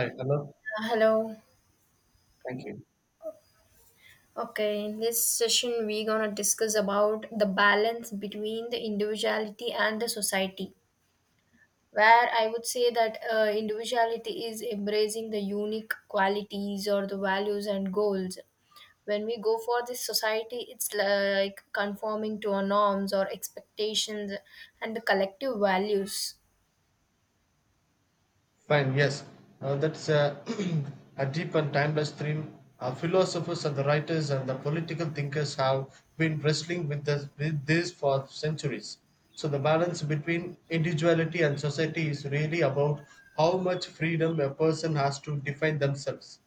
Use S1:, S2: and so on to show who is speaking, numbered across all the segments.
S1: Hi, hello.
S2: Hello.
S1: Thank you.
S2: Okay, in this session we're gonna discuss about the balance between the individuality and the society. Where I would say that individuality is embracing the unique qualities or the values and goals. When we go for this society, it's like conforming to our norms or expectations and the collective values.
S1: Fine, yes. That's a, a deep and timeless theme. Philosophers and the writers and the political thinkers have been wrestling with this for centuries. So the balance between individuality and society is really about how much freedom a person has to define themselves,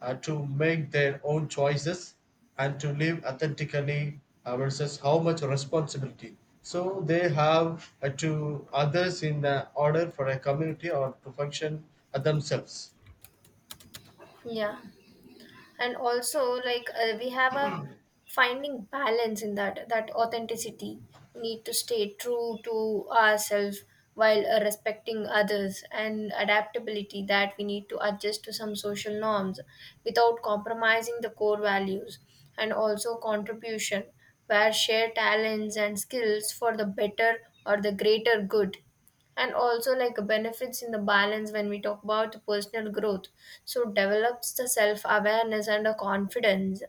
S1: to make their own choices and to live authentically, versus how much responsibility so they have to others in order for a community or to function, themselves.
S2: Yeah, and also like we have a finding balance in that authenticity, we need to stay true to ourselves while respecting others, and adaptability that we need to adjust to some social norms without compromising the core values, and also contribution where share talents and skills for the better or the greater good, and also like benefits in the balance when we talk about personal growth, so develops the self awareness and the confidence,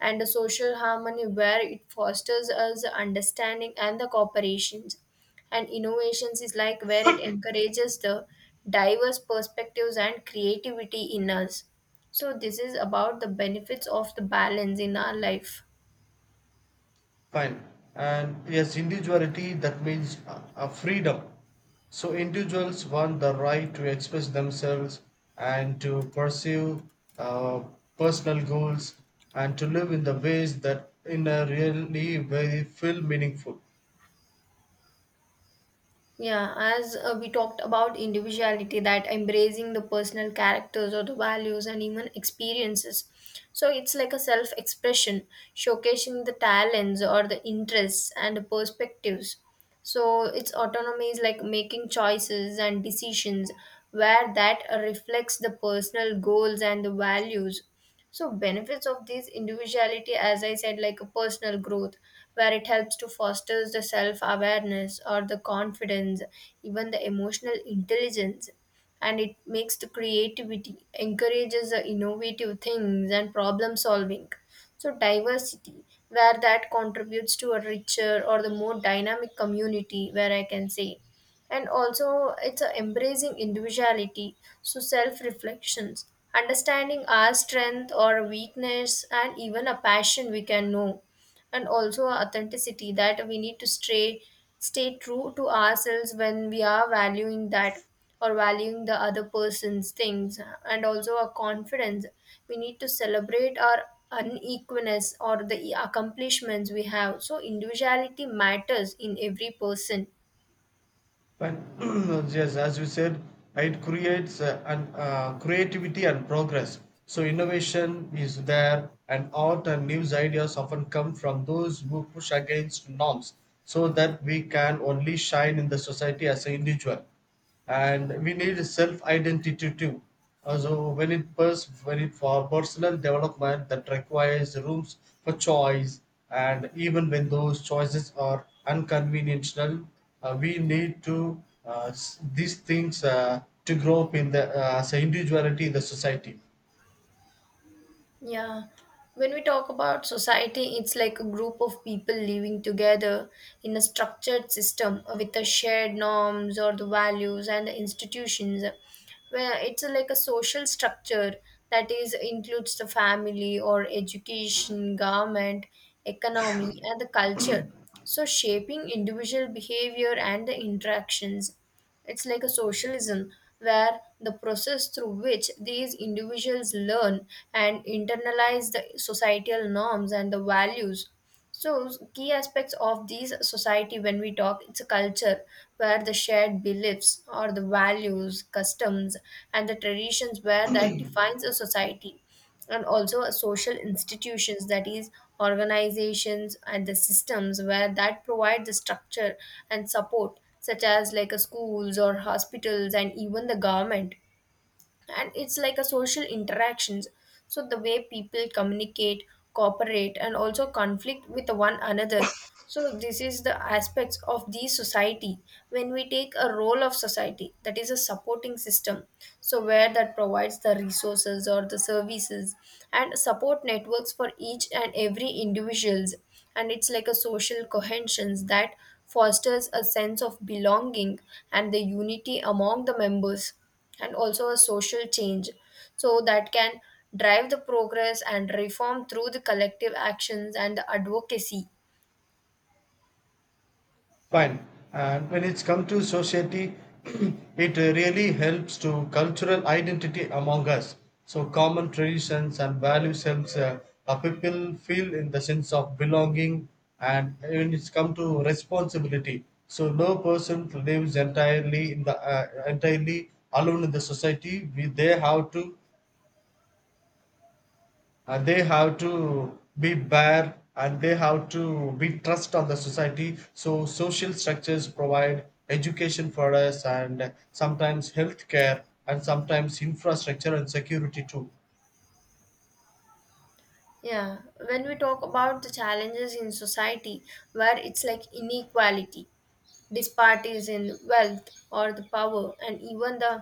S2: and the social harmony where it fosters us understanding and the cooperations, and innovations is like where it encourages the diverse perspectives and creativity in us. So this is about the benefits of the balance in our life.
S1: Fine. And yes, individuality that means freedom. So individuals want the right to express themselves and to pursue uh, personal goals and to live in the ways that in a really very feel meaningful.
S2: Yeah, as we talked about individuality, that embracing the personal characters or the values and even experiences. So it's like a self expression, showcasing the talents or the interests and the perspectives. So its autonomy is like making choices and decisions where that reflects the personal goals and the values. So benefits of these individuality, as I said, like a personal growth, where it helps to foster the self-awareness or the confidence, even the emotional intelligence, and it makes the creativity, encourages the innovative things and problem solving. So diversity, where that contributes to a richer or the more dynamic community, where I can say. And also it's a embracing individuality, so self reflections, understanding our strength or weakness and even a passion we can know, and also authenticity that we need to stay true to ourselves when we are valuing that or valuing the other person's things, and also a confidence, we need to celebrate our unequalness or the accomplishments we have. So individuality matters in every person.
S1: But yes, as you said, it creates creativity and progress. So innovation is there, and art and news ideas often come from those who push against norms, so that we can only shine in the society as an individual, and we need self identity too. So when it for personal development that requires rooms for choice, and even when those choices are unconventional, we need to these things, to grow up in the, as a individuality in the society.
S2: Yeah, when we talk about society, it's like a group of people living together in a structured system with the shared norms or the values and the institutions. Where it's like a social structure that is includes the family or education, government, economy, and the culture. So shaping individual behavior and the interactions. It's like a socialism where the process through which these individuals learn and internalize the societal norms and the values. So, key aspects of these society when we talk, it's a culture where the shared beliefs or the values, customs, and the traditions where that defines a society, and also a social institutions that is organizations and the systems where that provide the structure and support such as like a schools or hospitals and even the government, and it's like a social interactions, so the way people communicate, cooperate and also conflict with one another. So this is the aspects of the society. When we take a role of society, that is a supporting system, so where that provides the resources or the services and support networks for each and every individuals, and it's like a social cohesions that fosters a sense of belonging and the unity among the members, and also a social change, so that can drive the progress and reform through the collective actions and the advocacy.
S1: Fine. And when it's come to society, it really helps to cultural identity among us. So common traditions and values helps, people feel in the sense of belonging. And when it's come to responsibility. So no person lives entirely in the, entirely alone in the society. We They have to, and they have to be bare, and they have to be trust on the society. So social structures provide education for us, and sometimes healthcare, and sometimes infrastructure and security too.
S2: Yeah, when we talk about the challenges in society, where it's like inequality, disparities in wealth or the power and even the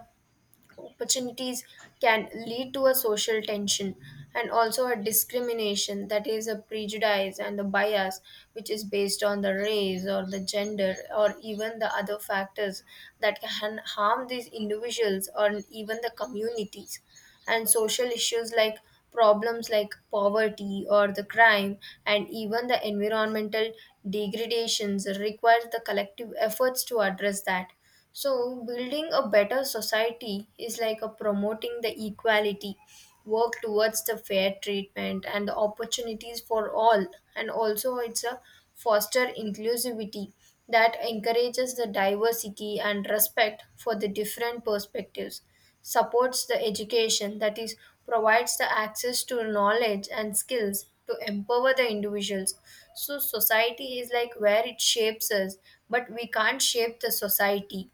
S2: opportunities can lead to a social tension, and also a discrimination that is a prejudice and a bias which is based on the race or the gender or even the other factors that can harm these individuals or even the communities, and social issues like problems like poverty or the crime and even the environmental degradations requires the collective efforts to address that. So building a better society is like a promoting the equality, work towards the fair treatment and the opportunities for all, and also it's a foster inclusivity that encourages the diversity and respect for the different perspectives, supports the education, that is, provides the access to knowledge and skills to empower the individuals. So, society is like where it shapes us, but we can't shape the society.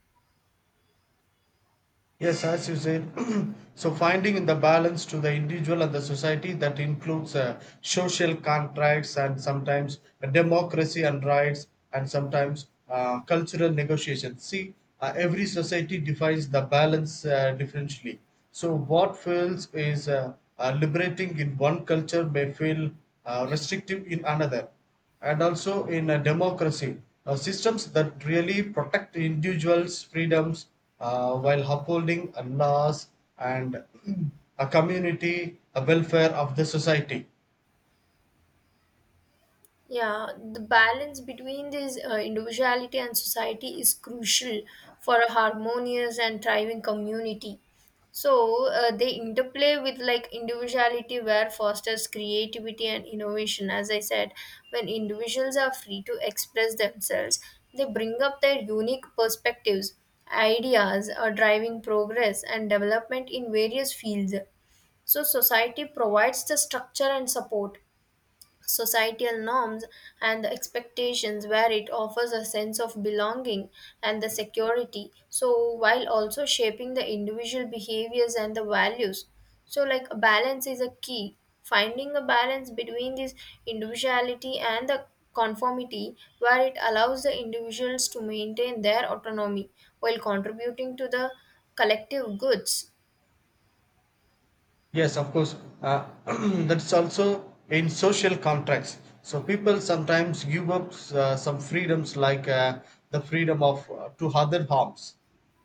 S1: Yes, as you said, so finding in the balance to the individual and the society that includes social contracts and sometimes democracy and rights and sometimes cultural negotiations. See, every society defines the balance differently. So, what feels is liberating in one culture may feel restrictive in another. And also in a democracy, systems that really protect individuals freedoms, while upholding, laws and a community, a welfare of the society.
S2: Yeah, the balance between this individuality and society is crucial for a harmonious and thriving community. So they interplay with like individuality, where fosters creativity and innovation. As I said, when individuals are free to express themselves, they bring up their unique perspectives, ideas, are driving progress and development in various fields. So society provides the structure and support. Societal norms and the expectations, where it offers a sense of belonging and the security, so while also shaping the individual behaviors and the values. So, like a balance is a key. Finding a balance between this individuality and the conformity, where it allows the individuals to maintain their autonomy while contributing to the collective goods.
S1: Yes, of course. Uh, that's also in social contracts. So people sometimes give up, some freedoms, like, the freedom of, to other harms,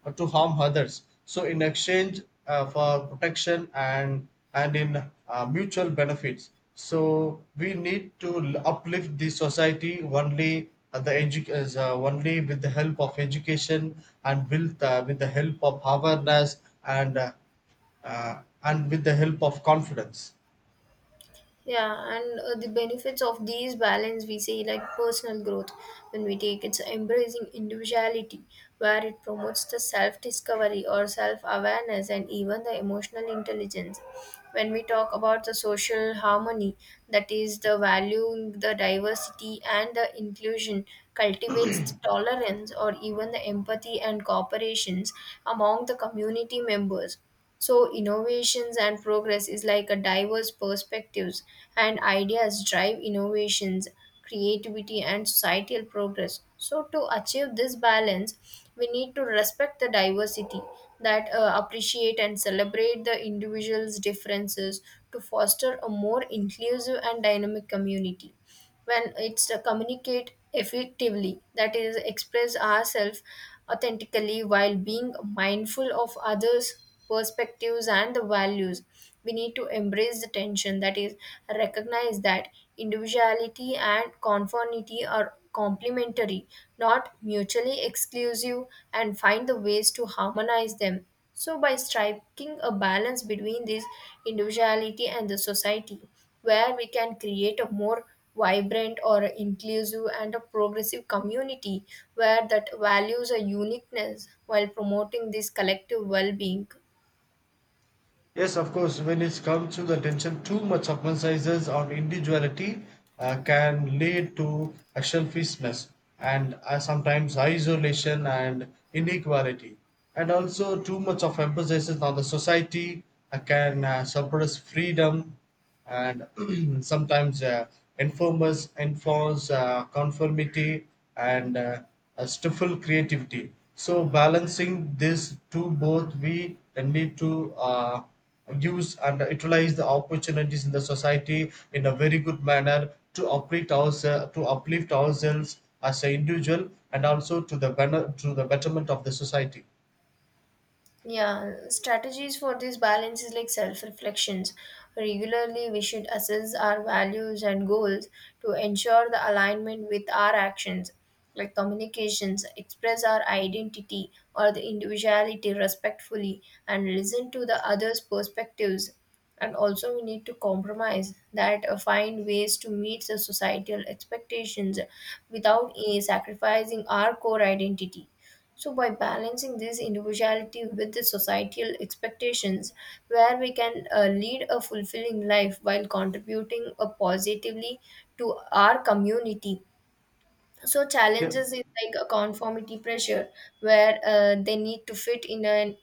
S1: or to harm others. So in exchange, for protection and in, mutual benefits. So we need to uplift the society only, only with the help of education and with the help of awareness and. And with the help of confidence.
S2: Yeah, and the benefits of these balance we say like personal growth, when we take it's embracing individuality, where it promotes the self discovery or self awareness and even the emotional intelligence. When we talk about the social harmony, that is the value, the diversity and the inclusion cultivates the tolerance or even the empathy and cooperations among the community members. So innovations and progress is like a diverse perspectives and ideas drive innovations, creativity and societal progress. So to achieve this balance, we need to respect the diversity, that appreciate and celebrate the individual's differences to foster a more inclusive and dynamic community. When it's to communicate effectively, that is, express ourselves authentically while being mindful of others' perspectives and the values. We need to embrace the tension, that is, recognize that individuality and conformity are complementary, not mutually exclusive, and find the ways to harmonize them. So, by striking a balance between this individuality and the society, where we can create a more vibrant or inclusive and a progressive community where that values a uniqueness while promoting this collective well-being.
S1: Yes, of course. When it comes to the attention, too much of emphasis on individuality, can lead to a selfishness and, sometimes isolation and inequality. And also, too much of emphasis on the society, can, suppress freedom and sometimes, informers enforce, conformity and, stifle creativity. So balancing this two both, we need to, use and utilize the opportunities in the society in a very good manner to uplift ourselves as an individual, and also to the better, to the betterment of the society.
S2: Yeah, strategies for this balance is like self reflections. Regularly, we should assess our values and goals to ensure the alignment with our actions, like communications, express our identity or the individuality respectfully, and listen to the others' perspectives. And also, we need to compromise that find ways to meet the societal expectations without sacrificing our core identity. So, by balancing this individuality with the societal expectations, where we can lead a fulfilling life while contributing positively to our community, so
S1: Yeah.
S2: challenges is like a conformity pressure where they need to fit in an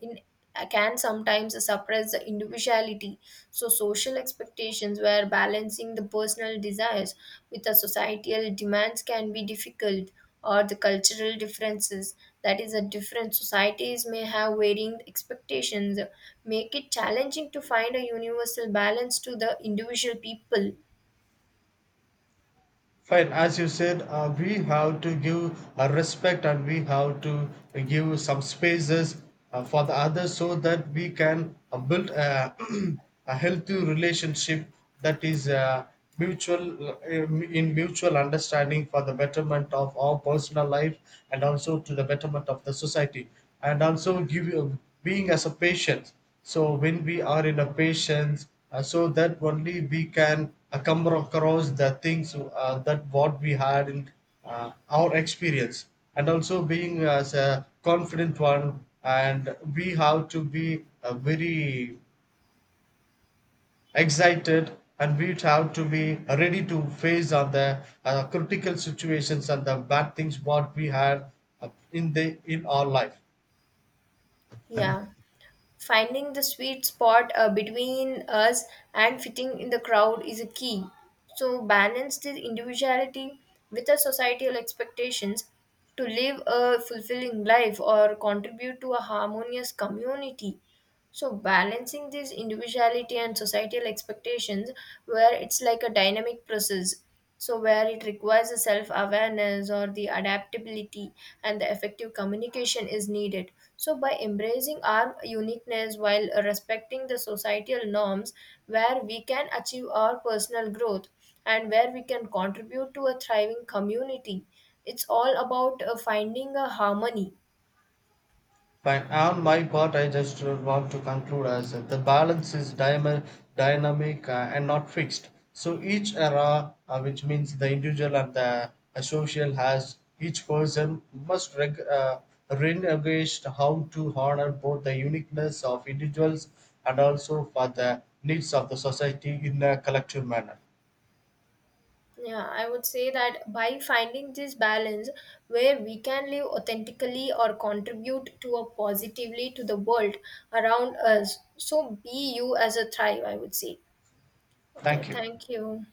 S2: in uh, can sometimes suppress the individuality. So social expectations where balancing the personal desires with the societal demands can be difficult, or the cultural differences, that is a different societies may have varying expectations, make it challenging to find a universal balance to the individual people.
S1: Fine, as you said, we have to give, respect, and we have to give some spaces, for the others so that we can, build a, a healthy relationship that is, mutual, in mutual understanding for the betterment of our personal life, and also to the betterment of the society, and also give you being as a patient. So when we are in a patient, so that only we can, come across the things, that what we had in, our experience. And also being as a confident one, and we have to be, very excited, and we have to be ready to face on the, critical situations and the bad things what we had, in the in our life.
S2: Yeah. Finding the sweet spot between us and fitting in the crowd is a key. So, balance the individuality with the societal expectations to live a fulfilling life or contribute to a harmonious community. So balancing these individuality and societal expectations, where it's like a dynamic process, so where it requires a self-awareness or the adaptability and the effective communication is needed. So by embracing our uniqueness while respecting the societal norms, where we can achieve our personal growth and where we can contribute to a thriving community, it's all about finding a harmony.
S1: Fine. On my part, I just want to conclude as the balance is dynamic, and not fixed. So each era, which means the individual and the, social, has each person must reengage how to honor both the uniqueness of individuals, and also for the needs of the society in a collective manner.
S2: Yeah, I would say that by finding this balance, where we can live authentically or contribute to a positively to the world around us. So be you as a thrive, I would say. Okay,
S1: Thank you.
S2: thank you.